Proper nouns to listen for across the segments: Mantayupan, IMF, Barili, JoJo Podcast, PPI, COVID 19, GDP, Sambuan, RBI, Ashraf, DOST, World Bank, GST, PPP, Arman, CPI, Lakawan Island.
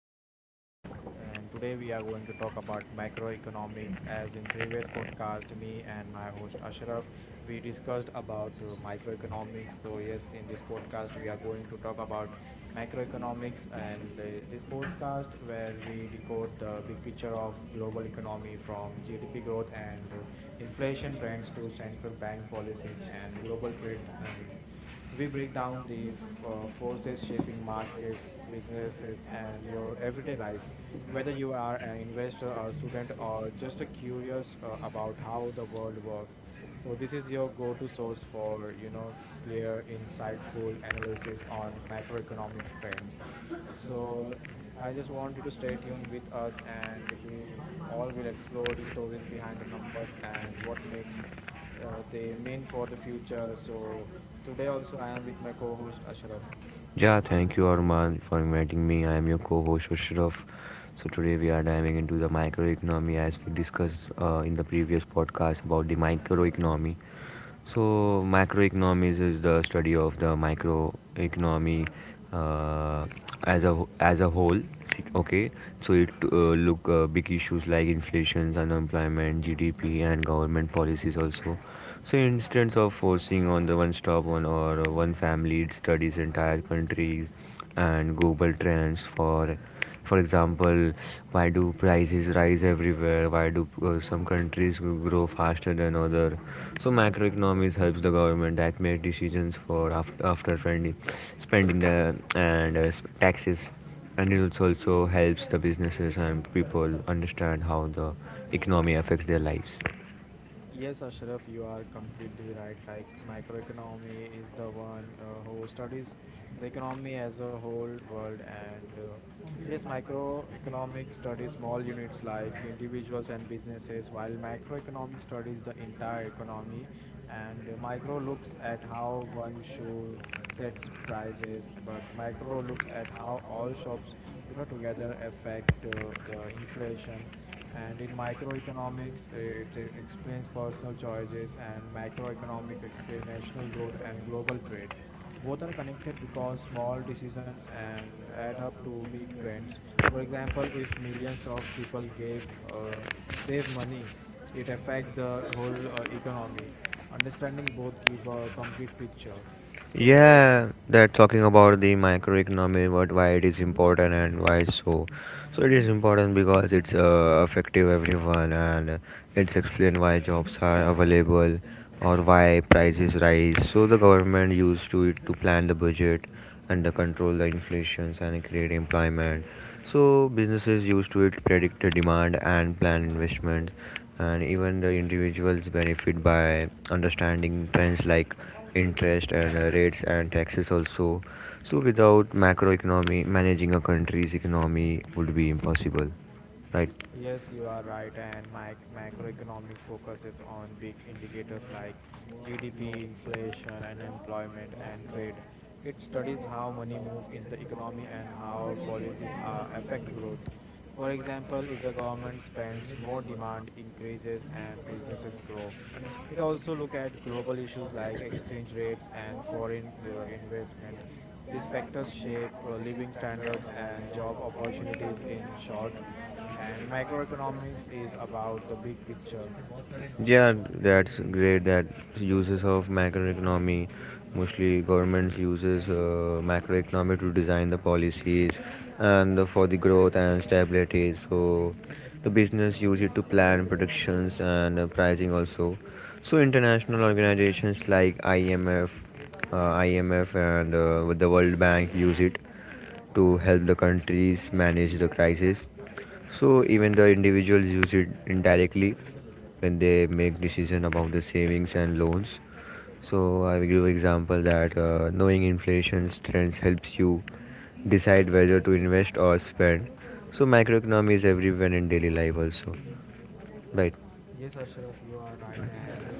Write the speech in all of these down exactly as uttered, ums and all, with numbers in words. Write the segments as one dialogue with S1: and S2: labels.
S1: podcast. And today we are going to talk about microeconomics. As in previous podcast, me and my host Ashraf, we discussed about uh, microeconomics. So yes, in this podcast we are going to talk about macroeconomics, and uh, this podcast where we decode the big picture of global economy from G D P growth and uh, inflation trends to central bank policies and global trade dynamics. We break down the f- uh, forces shaping markets, businesses, and your everyday life. Whether you are an investor, a student, or just a curious uh, about how the world works, so this is your go-to source for you know clear, insightful analysis on macroeconomic trends. So I just want you to stay tuned with us, and we all will explore the stories behind the numbers and what makes uh, they mean for the future. So today also I am with my co-host Ashraf.
S2: Yeah, thank you, Arman, for inviting me. I am your co-host Ashraf. So today we are diving into the microeconomy as we discussed uh, in the previous podcast about the microeconomy. So, macroeconomics is the study of the microeconomy uh, as a as a whole. See- Okay, so it uh, look uh, big issues like inflation, unemployment, G D P, and government policies also. So, instead of forcing on the one stop one or one family, it studies entire countries and global trends for for example why do prices rise everywhere, why do uh, some countries grow faster than other, so macroeconomics helps the government that make decisions for after, after spending, spending the and uh, sp- taxes, and it also also helps the businesses and people understand how the economy affects their lives.
S1: Yes, Ashraf, you are completely right. Like microeconomy is the one uh, who studies the economy as a whole world, and uh, yes, microeconomic studies small units like individuals and businesses, while macroeconomic studies the entire economy, and uh, micro looks at how one shoe sets prices, but micro looks at how all shops, you know, together affect uh, the inflation. And in microeconomics, uh, it uh, explains personal choices, and macroeconomics explain national growth and global trade. Both are connected because small decisions and add up to big trends. For example, if millions of people gave uh, save money, it affect the whole uh, economy. Understanding both give a complete picture. So
S2: Yeah, that talking about the microeconomy, what why it is important and why so. So it is important because it's uh, effective everyone and it's explain why jobs are available or why prices rise. So the government used to it to plan the budget and to control the inflations and create employment. So businesses used to it predict the demand and plan investments, and even the individuals benefit by understanding trends like interest and uh, rates and taxes also. So without macroeconomy, managing a country's economy would be impossible, right?
S1: yes, you are right, and my macroeconomics focuses on big indicators like G D P, inflation, unemployment, and trade. It studies how money move in the economy and how policies are, affect growth. For example, if the government spends more, demand increases and businesses grow. It also look at global issues like exchange rates and foreign uh, investment. These factors shape uh, living standards and job opportunities. In short, and macroeconomics is about the big picture.
S2: Yeah, that's great. That uses of macroeconomy, mostly governments uses uh, macroeconomy to design the policies and the- for the growth and stability. So the business use it to plan productions and uh, pricing also. So international organizations like I M F, uh, I M F and uh, the World Bank use it to help the countries manage the crisis. So even the individuals use it indirectly when they make decision about the savings and loans. So I will give example that uh, knowing inflation trends helps you decide whether to invest or spend. So macroeconomy is everywhere in daily life also, right?
S1: Yes, Ashraf, you are right. And uh,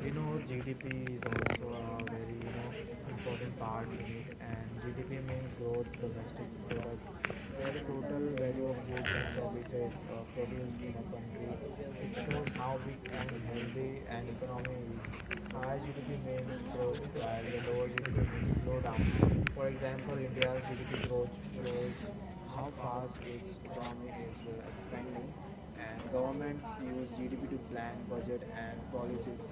S1: you know, G D P is also a very, you know, important part in it. And G D P means growth domestic product, where the total value of goods and services uh, produced in a country. It shows how big and healthy an economy is. Higher G D P means growth, while the lower G D P means slowdown. For example, India's G D P growth shows how fast its economy is uh, expanding, and governments use GDP to plan budget and policies,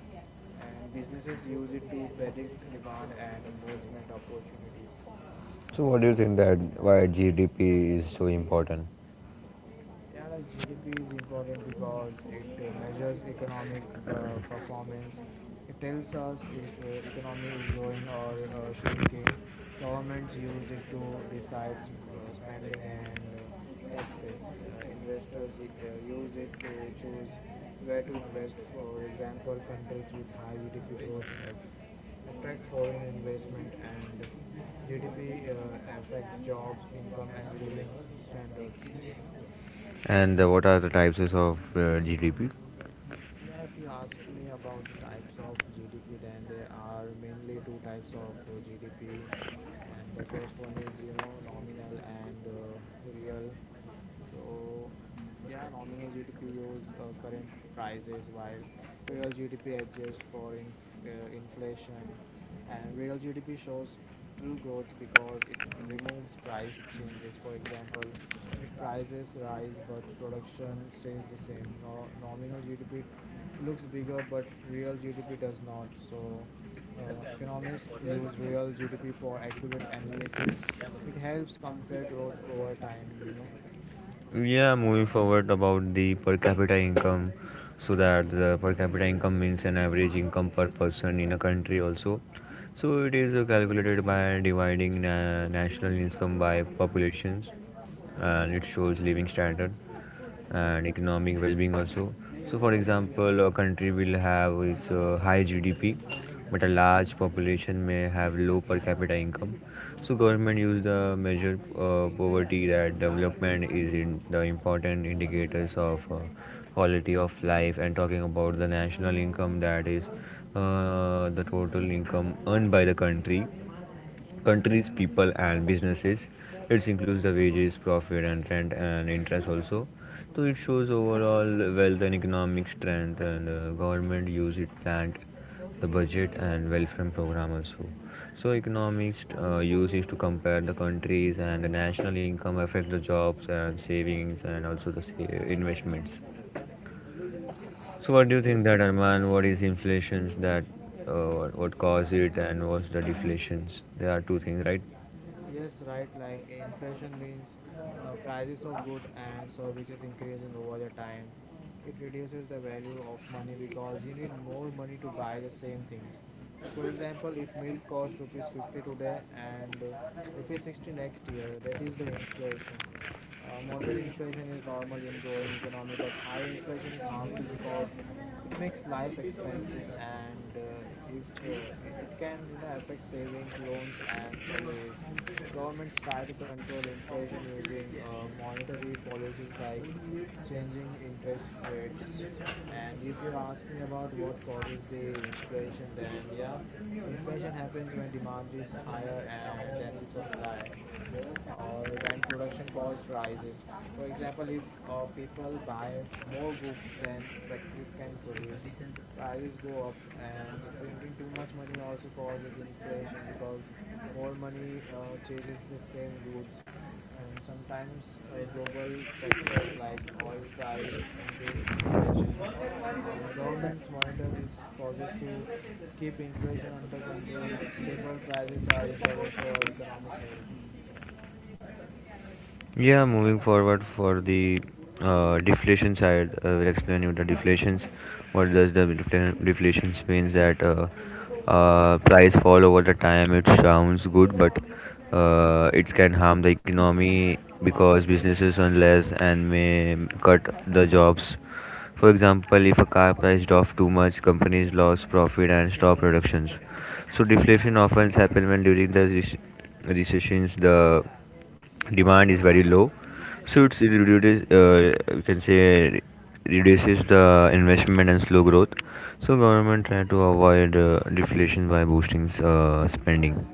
S1: and businesses use it to predict demand and investment opportunities.
S2: So what do you think that why G D P is so important?
S1: Yeah, like G D P is important because it uh, measures economic per- performance. It tells us if uh, economy is growing or uh, shrinking. Governments use it to decide sp- uh, spending and uh, taxes. Uh, investors y- uh, use it to choose where to invest. For example, countries with high G D P growth f- attract foreign investment, and G D P uh, affects jobs, income, and living standards.
S2: And uh, what are the types of uh, G D P?
S1: Yeah, if you ask me about the types of G D P, then there are mainly two types of uh, G D P, and the first one is you know nominal and uh, real. So yeah, nominal G D P use uh, current prices while real G D P adjusts for inf- uh, inflation, and real G D P shows true growth because it removes price changes. For example, if prices rise but production stays the same, no- nominal G D P looks bigger but real G D P does not. So uh, economists use real G D P for accurate analysis. It helps compare growth over time, you know.
S2: Yeah, moving forward about the per capita income, so that the per capita income means an average income per person in a country also. So it is uh, calculated by dividing na- national income by populations, and it shows living standard and economic well-being also. So for example, a country will have its uh, high GDP, but a large population may have low per capita income. So government use the measure uh, poverty that development is in the important indicators of uh, quality of life. And talking about the national income, that is uh, the total income earned by the country countries, people, and businesses. It includes the wages, profit, and rent and interest also. So it shows overall wealth and economic strength, and uh, government use it planned the budget and welfare program also. So economics uh, use is to compare the countries, and the national income affect the jobs and savings and also the sa- investments. So what do you think that
S1: Yes.
S2: Arman? What is inflations that uh, what what cause it and what's the deflations? There are two things, right?
S1: Yes, right. Like inflation means uh, prices of goods and services increasing over the time. It reduces the value of money because you need more money to buy the same things. For example, if milk costs rupees fifty today and uh, rupees sixty next year, that is the inflation. Uh, moderate inflation is normal in growing economy, but high inflation is harmful because it makes life expensive and uh, if uh, it can you know affect savings, loans, and salaries. Governments try to control inflation using uh, monetary policies like changing interest rates. And if you ask me about what causes the inflation, then yeah, inflation happens when demand is higher and than the supply or when production cost rises. For example, if uh, people buy more goods than factories can produce, prices go up, and printing too much money also causes inflation because more money uh, chases the same goods. And sometimes uh, global factors like oil price increase inflation, and governments monitor these causes to keep inflation under control. Stable prices are important for economic health.
S2: Yeah, moving forward for the uh, deflation side, I will explain you the deflations. What does the defla- deflations means that uh, uh, price fall over the time. It sounds good, but uh, it can harm the economy because businesses earn less and may cut the jobs. For example, if a car priced off too much, companies lost profit and stop productions. So deflation often happens when during the rec- recessions the demand is very low. So it's, it reduces, uh, we can say, reduces the investment and slow growth. So government try to avoid uh, deflation by boosting uh, spending.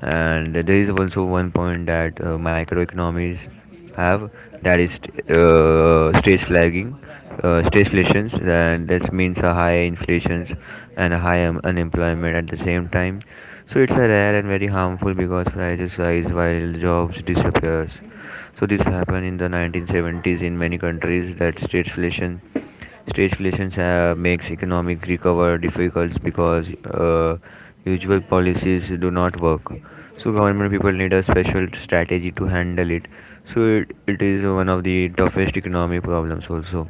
S2: And there is also one point that uh, microeconomies have that is uh, stage flagging uh, stagflations, and that means a high inflations and a high um, unemployment at the same time. So it's a rare and very harmful because prices rise while jobs disappears. So this happened in the nineteen seventies in many countries that stagflation. Stagflation uh, makes economic recovery difficult because uh, usual policies do not work. So government people need a special strategy to handle it. So it, it is one of the toughest economic problems also.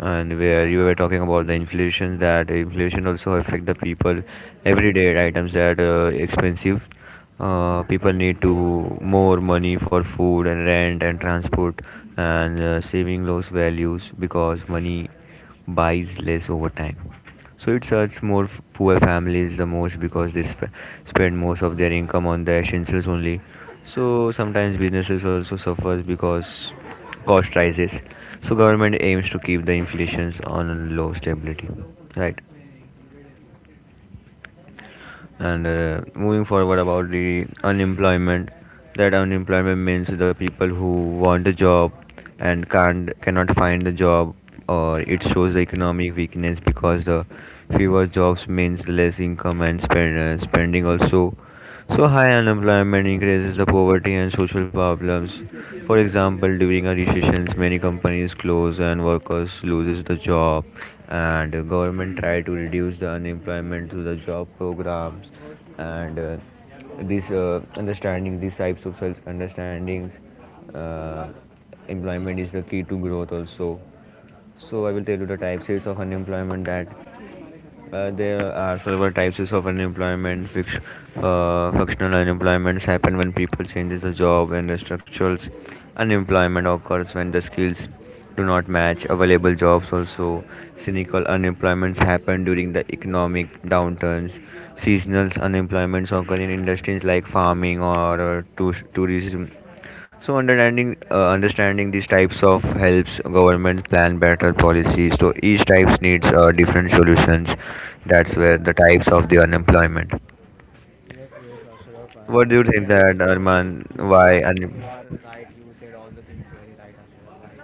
S2: And where you were talking about the inflation, that inflation also affect the people. Everyday items that are expensive. Uh, people need to more money for food and rent and transport, and uh, saving lost values because money buys less over time. So it hurts more poor families the most because they sp- spend most of their income on the essentials only. So sometimes businesses also suffers because cost rises. So government aims to keep the inflations on a low stability, right? And uh, moving forward about the unemployment, that unemployment means the people who want a job and can't cannot find the job, or it shows the economic weakness because the fewer jobs means less income and spend, uh, spending also. So high unemployment increases the poverty and social problems. For example, during a recession, many companies close and workers loses the job, and the government try to reduce the unemployment through the job programs. And uh, these uh, understandings, these types of self understandings, uh, employment is the key to growth also. So I will tell you the types of unemployment, that uh, there are several types of unemployment. Fix, uh, functional unemployments happen when people changes the job, and the structural unemployment occurs when the skills do not match available jobs. Also, cynical unemployments happen during the economic downturns. Seasonal unemployments occur in industries like farming or uh, tou- tourism. So understanding uh, understanding these types of helps government plan better policies. So each types needs uh, different solutions. That's
S1: Yes,
S2: where the
S1: right.
S2: types of the unemployment.
S1: Yes, yes, Ashraf, I
S2: What do you
S1: totally
S2: think that
S1: understood.
S2: Arman?
S1: You are
S2: Why?
S1: you
S2: Un-
S1: are right. You said all the things very right, Ashraf, right?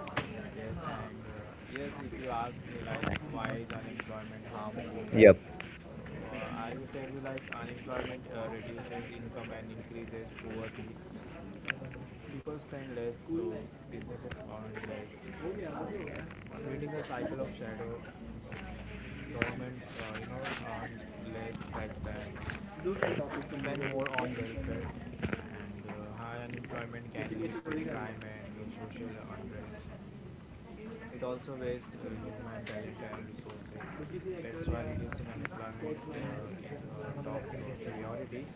S1: Yes, and uh, yes, if you ask me like why is unemployment harmful, right?
S2: Yep.
S1: So uh, I will tell you like unemployment uh, reduces income and increases poverty. People spend less, so businesses earn less, creating a cycle of shadow. Governments, uh, you know, earn less tax and spend more on welfare, and uh, high unemployment can lead to crime and uh, social unrest. It also wastes uh, human talent and resources. That's why reducing unemployment uh, is a top uh, priority.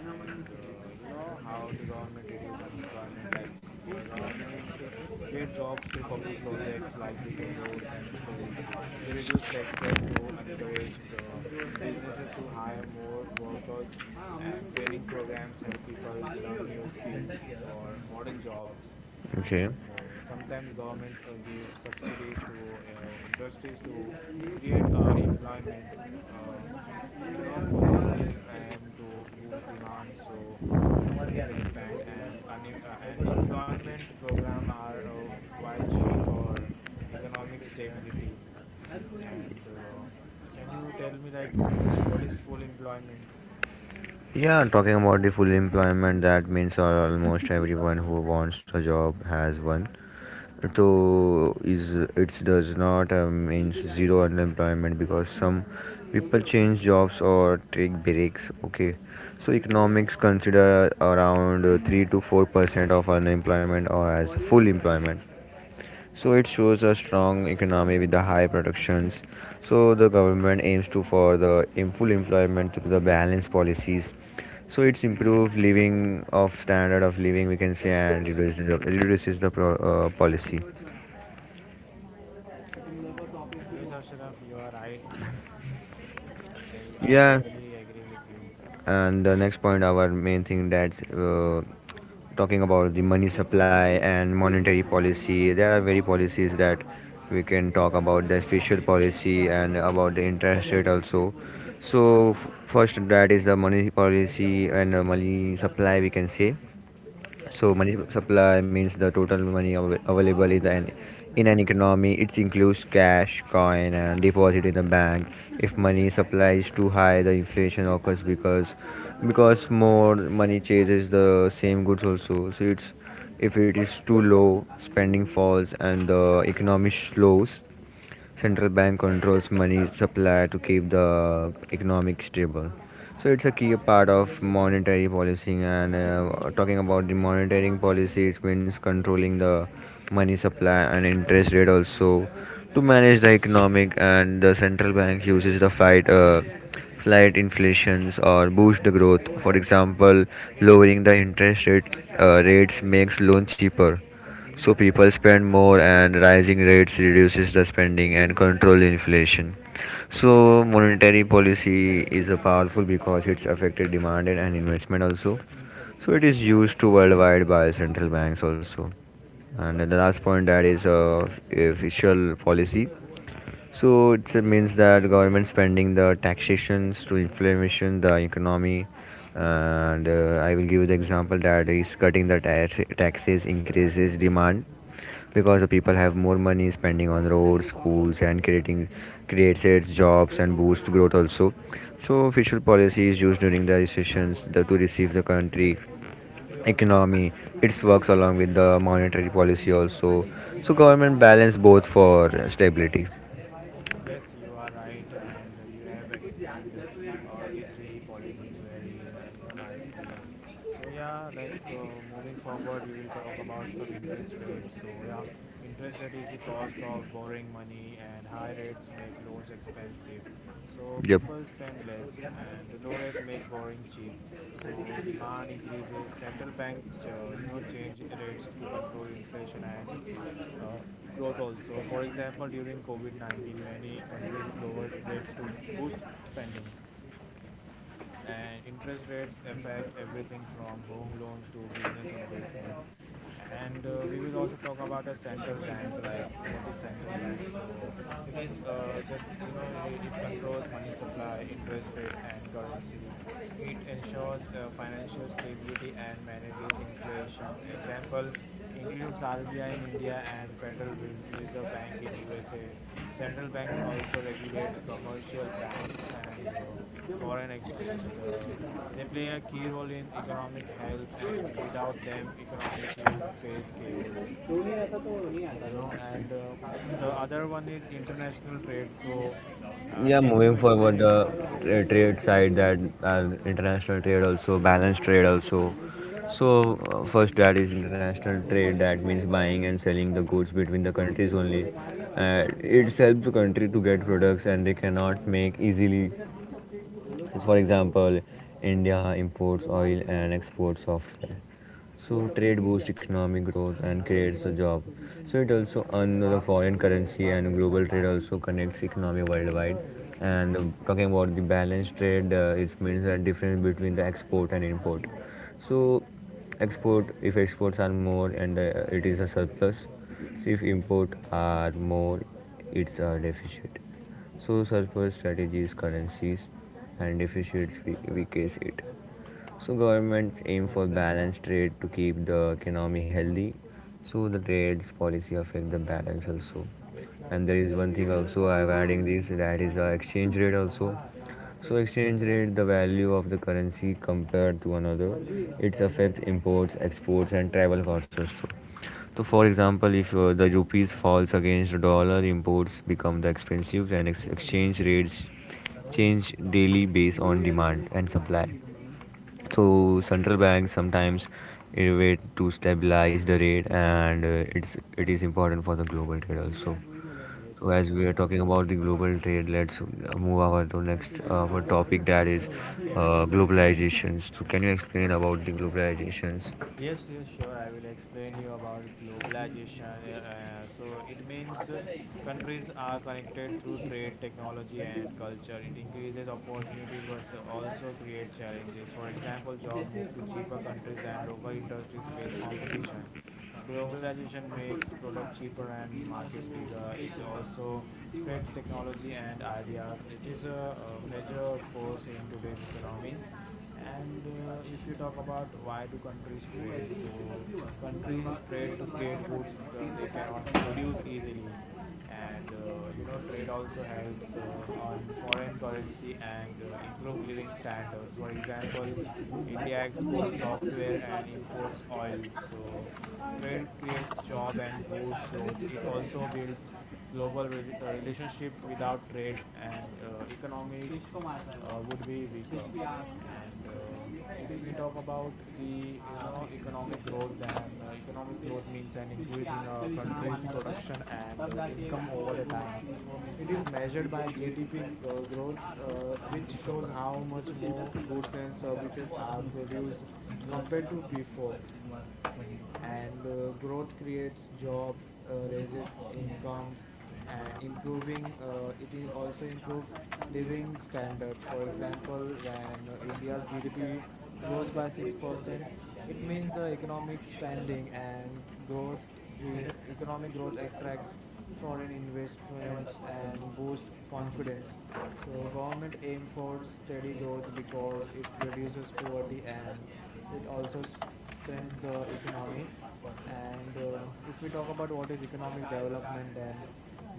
S1: And uh, you know how do government reduce unemployment? Like your government uh, create jobs through public projects like building roads and schools. They reduce taxes to encourage uh, businesses to hire more workers, and training programs help people learn new skills for modern jobs.
S2: Okay.
S1: And uh, sometimes government uh, give subsidies to uh, industries to create uh, employment. uh, you know, policies aim to boost demand so companies expand, and un- uh, and employment program are uh, vital for economic stability. And uh, can you tell me like what is full employment?
S2: Yeah, talking about the full employment, that means al- almost everyone who wants a job has one. So is it does not uh, means zero unemployment because some people change jobs or take breaks, okay. So economics consider around uh, three to four percent of unemployment or as full employment. So it shows a strong economy with the high productions. So the government aims to for the em- full employment through the balanced policies. So it's improved living of standard of living, we can say, and reduces the, reduces the pro, uh, policy.
S1: Yes, Ashraf, you are right. i, I
S2: Yeah,
S1: totally agree with you.
S2: and the next point, our main thing that's uh, talking about the money supply and monetary
S1: Okay.
S2: policy. There are very policies that we can talk about the official policy and about the interest rate also. So f- first, that is the money policy and the money supply we can say. So money supply means the total money av- available in, the, an- in an economy. It includes cash, coin, and deposit in the bank. If money supply is too high, the inflation occurs because because more money chases the same goods also. So it's if it is too low, spending falls and the economy slows. Central bank controls money supply to keep the economic stable. So it's a key part of monetary policy. And uh, talking about the monetary policy, it means controlling the money supply and interest rate also to manage the economic. And the central bank uses the fight. Uh, flight inflations or boost the growth. For example, lowering the interest rate uh, rates makes loan cheaper, so people spend more, and rising rates reduces the spending and control inflation. So monetary policy is a powerful because it's affected demand and investment also. So it is used to worldwide by central banks also. And the last point that is uh, official policy. So it means that government spending the taxations to inflation, the economy, and uh, I will give you the example that is cutting the ta- taxes increases demand because the people have more money spending on roads, schools, and creating creates its jobs and boosts growth also. So official policy is used during the recessions the, to receive the country economy. It works along with the monetary policy also. So government balance both for stability.
S1: Yes, you are right, and uh, you have explained all the three policies very uh, you know nicely. So yeah, like uh, moving forward, we will talk about some interest rate. So yeah, interest rate is the cost of borrowing money, and high rates make loans expensive. So
S2: Yep.
S1: people spend less, and low rate make borrowing cheap. So demand increases. Central bank, uh, you know, change rates to control inflation and uh, growth also. For example, during COVID nineteen, many countries lowered rates to boost spending, and interest rates affect everything from home loans to business investment. And uh, we will also talk about a central bank. Like, what is central bank? So it is uh, just you know it, it controls money supply, interest rate, and currency. It ensures uh, financial stability and manages inflation. Example includes RBI in India and Federal Re- reserve Bank in USA. Central banks also regulate commercial banks and uh, foreign exchange. The they play a key role in economic health, and without them, economics would face chaos. You know, and uh, the other one is international trade. So, uh,
S2: Yeah,
S1: can you
S2: moving
S1: explain
S2: forward,
S1: it?
S2: the tra- trade side, that uh, international trade also balanced trade also. So uh, first, that is international trade. That means buying and selling the goods between the countries only. Uh, it helps the country to get products and they cannot make easily. For example, India imports oil and exports software. So trade boosts economic growth and creates a job. So it also earns the foreign currency, and global trade also connects economy worldwide. And um, talking about the balanced trade, uh, it means the difference between the export and import. So export, if exports are more and uh, it is a surplus. So if import are more, it's a deficit. So surplus strategies, currencies, and deficits we, we case it. So governments aim for balanced trade to keep the economy healthy. So the trades policy affect the balance also. And there is one thing also I'm adding, this that is the exchange rate also. So exchange rate, the value of the currency compared to another, it affects imports, exports, and travel costs also. So for example, if uh, the rupees falls against the dollar, imports become the expensive, and ex- exchange rates change daily based on demand and supply. So central banks sometimes innovate to stabilize the rate, and uh, it's it is important for the global trade also.
S1: Yes,
S2: So
S1: yes,
S2: as we are
S1: Ashraf.
S2: talking about the global trade, let's move over to next uh, our topic, that is uh, globalizations. So can you explain about the globalizations?
S1: Yes, yes, sure. I will explain you about globalization. Uh, so it means uh, countries are connected through trade, technology, and culture. It increases opportunities, but also create challenges. For example, job move to cheaper countries, and local industries face competition. Globalization makes products cheaper and markets bigger. It also spreads technology and ideas. It is a, a major force in today's economy. And uh, if you talk about why do countries trade, so countries trade to get goods uh, they cannot produce easily. And uh, you know trade also helps uh, on foreign currency and uh, improve living standards. For example, India exports software and imports oil, so trade creates job and boosts growth. It also builds global re- uh, relationship. Without trade and uh, economic uh, would be weaker. And uh, if we talk about the you know economic growth, then uh, economic growth means an increase in a country's production and uh, income over the time. It is measured by G D P uh, growth, uh, which shows how much more goods and services are produced compared to before. And uh, growth creates job, uh, raises incomes, and improving uh, it i- also improve living standards. For example, when uh, India's GDP grows by six percent, it means the economic spending and growth. e- Economic growth attracts foreign investments and boost confidence, so government aim for steady growth because it reduces poverty, and it also s- strengthens the economy. And uh, if we talk about what is economic development, then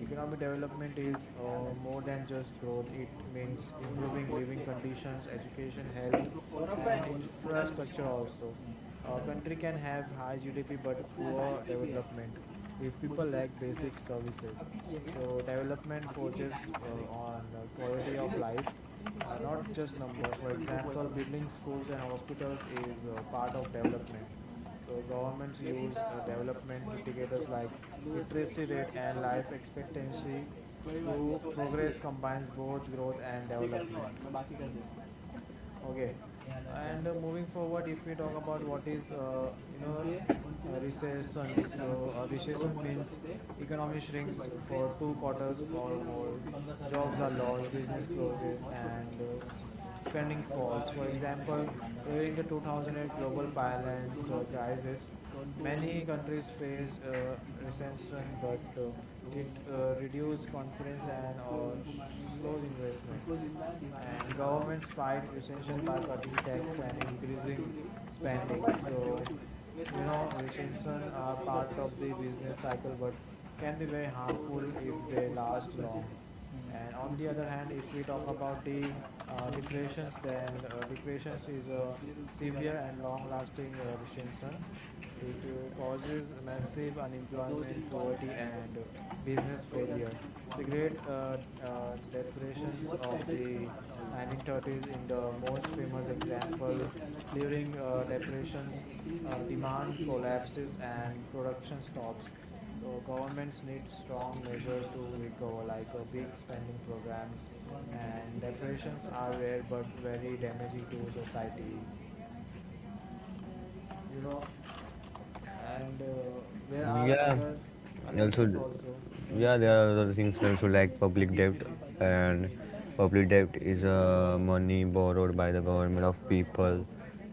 S1: economic development is uh, more than just growth. It means improving living conditions, education, health, and infrastructure also. A country can have high GDP but poor development if people lack basic services. So development focuses uh, on uh, quality of life, uh, not just numbers. For example, building schools and hospitals is uh, part of development. So governments use uh, development indicators like literacy rate and life expectancy. True progress combines both growth and development. Okay, and uh, moving forward, if we talk about what is uh, you know a recession, so a recession means economy shrinks for two quarters or more, jobs are lost, business closes, and uh, s- spending falls. For example, during the two thousand eight global finance uh, crisis, many countries faced uh, recession, but uh, it uh, reduced confidence and uh, sh- slows investment. And governments fight recession by cutting tax and increasing spending. So you know recession are part of the business cycle but can be very harmful if they last long. And on the other hand, if we talk about the uh, depressions, then uh, depressions is a severe and long lasting uh, recession. It uh, causes massive unemployment, poverty, and uh, business failure. The great uh, uh, depressions of the nineteen thirties in the most famous example. During uh, depressions, uh, demand collapses and production stops. So governments need strong measures to recover, like uh, big spending programs. And depressions are rare but very damaging to society, you know. And uh, there are
S2: Yeah,
S1: other other
S2: also,
S1: things also.
S2: yeah, there are other things also like public debt. And public debt is uh, money borrowed by the government of people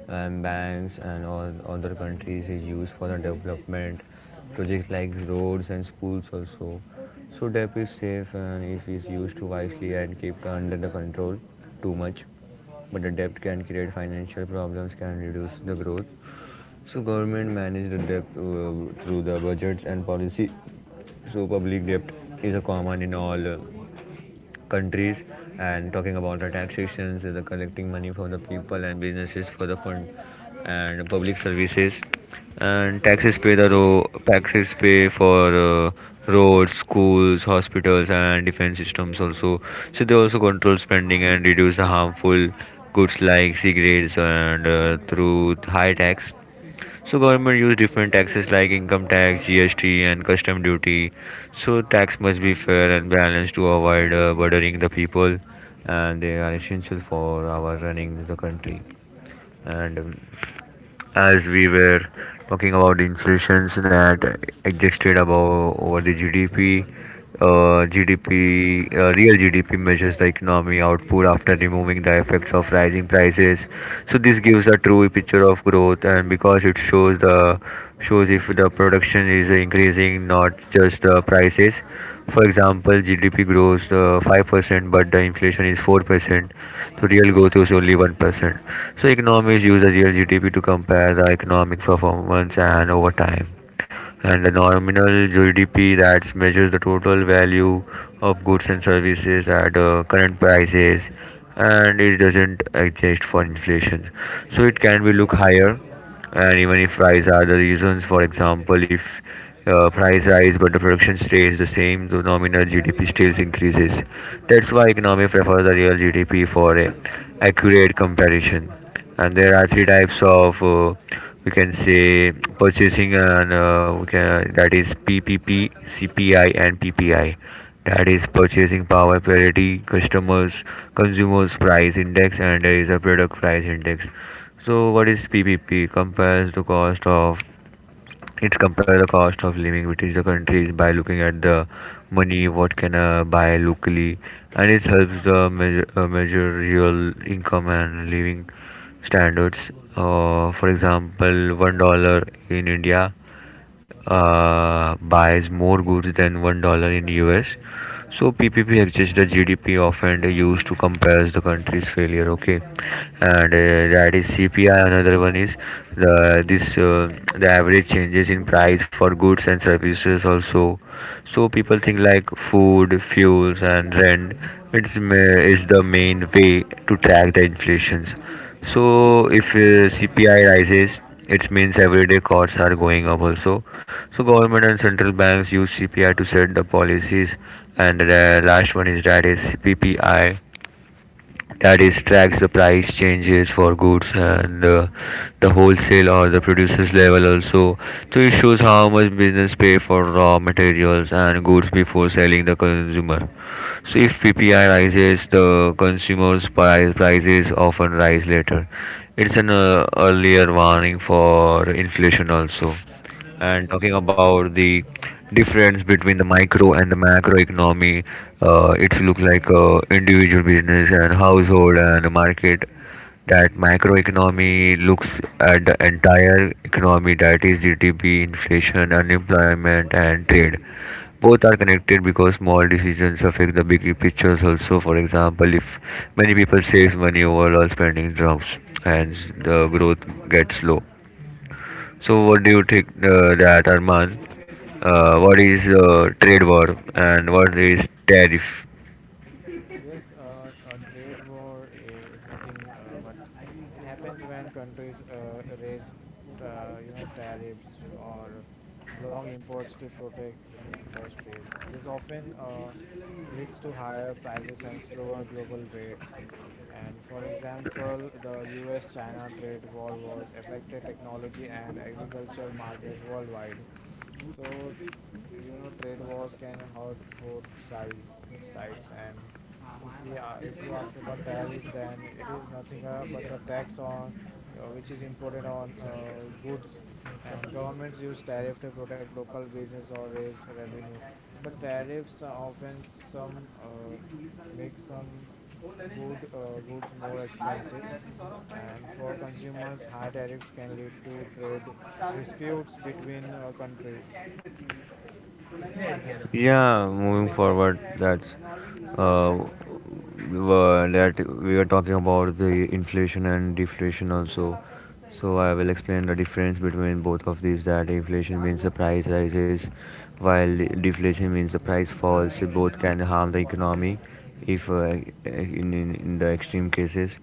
S2: and banks and all other countries, is used for the development projects like roads and schools also. So debt is safe and if it's used wisely and kept under the control. Too much but the debt can create financial problems, can reduce the growth. So government manage the debt uh, through the budgets and policy. So public debt is a common in all uh, countries. And talking about the taxations, uh, the collecting money from the people and businesses for the fund and public services. And taxes pay the ro- taxes pay for uh, roads, schools, hospitals, and defense systems also. So they also control spending and reduce the harmful goods like cigarettes, and uh, through high tax. So government use different taxes like income tax, G S T, and custom duty. So tax must be fair and balanced to avoid uh, burdening the people, and they are essential for our running the country. And um, as we were talking about the inflations that existed above over the G D P, uh, G D P, uh, real G D P measures the economy output after removing the effects of rising prices. So this gives a true picture of growth, and because it shows the shows if the production is increasing, not just the prices. For example, G D P grows uh, five percent, but the inflation is four percent. So real growth is only one percent. So economists use the real G D P to compare the economic performance and over time. And the nominal G D P that measures the total value of goods and services at uh, current prices, and it doesn't adjust for inflation. So it can be look higher, and even if price are the reasons. For example, if uh, price rise but the production stays the same, the nominal GDP still increases. That's why economic prefer the real GDP for a accurate comparison. And there are three types of uh, we can say purchasing and uh, we can that is P P P, C P I, and P P I. That is purchasing power parity, customers, consumers price index, and there is a product price index. So what is P P P? Compares the cost of, it's compare the cost of living between the countries by looking at the money what can uh, buy locally, and it helps the measure, uh, measure real income and living standards. Uh, for example, one dollar in India uh, buys more goods than one dollar in U S. So P P P adjusts the G D P often used to compare the country's failure. Okay, and uh, that is C P I. Another one is the this uh, the average changes in price for goods and services also. So people think like food, fuels, and rent. It's ma- is the main way to track the inflations. So if uh, C P I rises, it means everyday costs are going up also. So government and central banks use C P I to set the policies. And the last one is that is P P I, that is tracks the price changes for goods and uh, the wholesale or the producers level also. So it shows how much business pay for raw materials and goods before selling the consumer. So if PPI rises, the consumers price prices often rise later. It's an uh, earlier warning for inflation also. And
S1: Yes,
S2: talking
S1: Ashtar.
S2: about the difference between the micro and the macro economy. Uh, it look like uh, individual business and household and the market. That microeconomy looks at the entire economy, that is G D P, inflation, unemployment, and trade. Both are connected because small decisions affect the big pictures also. For example, if many people save money, overall spending drops and the growth gets low. So what do you think uh, that, Arman? Uh, what is uh, trade war and what is tariff?
S1: Yes, uh, a trade war i- is nothing, uh, but it happens when countries uh, raise, uh, you know, tariffs or block imports to protect industries. This often uh, leads to higher prices and slower global rates. And for example, the U S-China trade war was affected technology and agriculture markets worldwide. So, you know, trade wars can hurt both sides sides. And if we are, if you ask about tariff, then it is nothing uh, but a tax on, uh, which is imported on uh, goods, and governments use tariff to protect local business or raise revenue. But tariffs are often some, uh, make some good uh, goods more expensive, and for consumers, high tariffs can lead to trade disputes between uh, countries.
S2: Yeah, moving forward, that's uh, were- that we are talking about the inflation and deflation also. So I will explain the difference between both of these, that inflation means the price rises, while de- deflation means the price falls. Both can harm the economy if uh, in, in, in the extreme cases.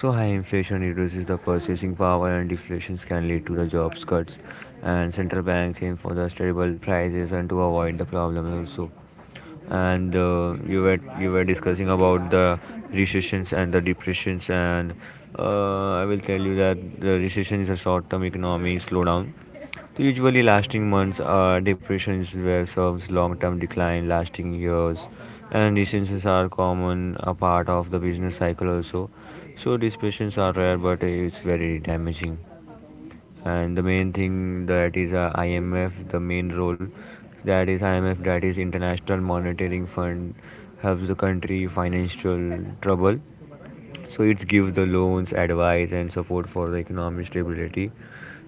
S2: So high inflation reduces the purchasing power, and deflations can lead to the jobs cuts. And central banks aim for the stable prices and to avoid the problems also. And uh, you were you were discussing about the recessions and the depressions. And uh, I will tell you that the recession is a short-term economic slowdown. So usually lasting months, uh, depressions were serves long-term decline lasting years, and recessions are common a part of the business cycle also. So depressions are rare, but it's very damaging. And the main thing, that is uh, I M F, the main role, that is I M F, that is International Monetary Fund, helps the country financial trouble. So it gives the loans, advice, and support for the economic stability.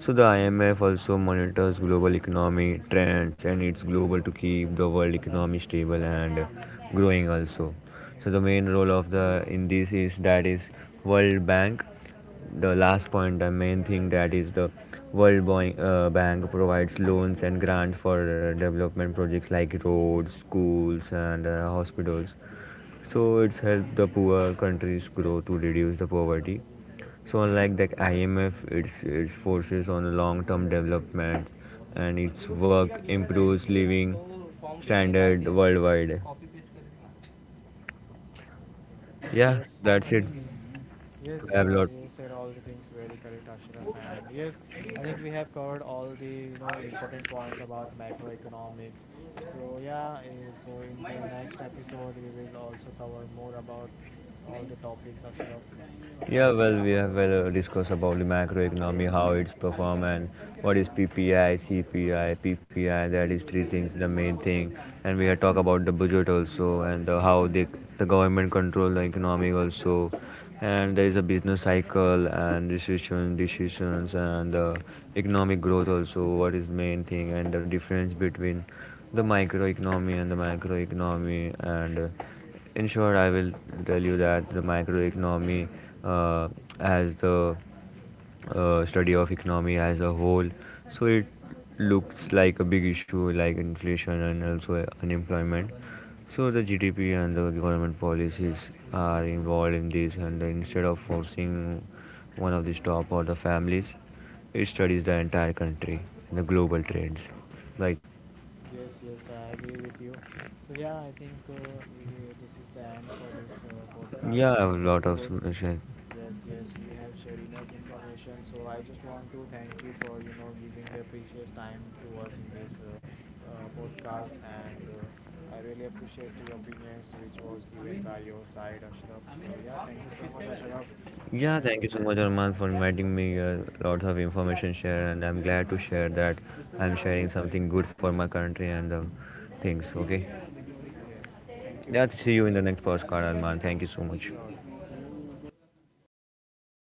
S2: So the I M F also monitors global economy trends, and it's global to keep the world economy stable and growing also. So the main role of the in this is, that is World Bank, the last point, the main thing, that is the World Boy, uh, Bank provides loans and grants for uh, development projects like roads, schools, and uh, hospitals. So it's helped the poor countries grow to reduce the poverty. So unlike the I M F, its its focuses on long-term development, and its work improves living standard worldwide. Yeah,
S1: Yes.
S2: that's it.
S1: Yes,
S2: We have a
S1: yeah,
S2: lot.
S1: you said all the things very correct, Ashraf. And yes, I think we have covered all the you know important points about macroeconomics. So yeah, eh, so in the next episode we will also cover more about all the topics, Ashraf.
S2: Yeah,
S1: Right?
S2: well, we have well uh, discussed about the macroeconomy, how it's performed, and what is P P I, C P I, P P I. That is three things, the main thing. And we have talked about the budget also, and uh, how the the government control the economy also. And there is a business cycle and decision decisions, and uh, economic growth also. What is main thing and the difference between the microeconomy and the macroeconomy, and uh, in short, I will tell you that the microeconomy uh, as the uh, study of economy as a whole. So it looks like a big issue like inflation and also unemployment. So the G D P and the government policies are involved in this, and instead of forcing one of the top or the families, it studies the entire country, the global trends. Like,
S1: Yes, yes, I agree with you. So yeah, I think uh, we, eh, this is the end for this uh, podcast
S2: yeah, I
S1: and
S2: have a
S1: this
S2: lot of
S1: episode.
S2: solutions.
S1: Yes, yes, we have shared enough information. So I just want to thank you for you know giving your precious time to us in this uh, uh, podcast, and uh, I really appreciate the opinions which was given by your side, Ashraf. So yeah, thank you so much, Ashraf,
S2: Yeah, thank you
S1: and
S2: so
S1: uh,
S2: much, Arman, for inviting me here. Lots of information share, and I'm glad to share that I'm sharing something good for my country and the things. Okay,
S1: yes, yes, thank you
S2: yeah,
S1: so
S2: see you in
S1: much.
S2: the next podcast, Arman. Thank you so much.
S1: Sure.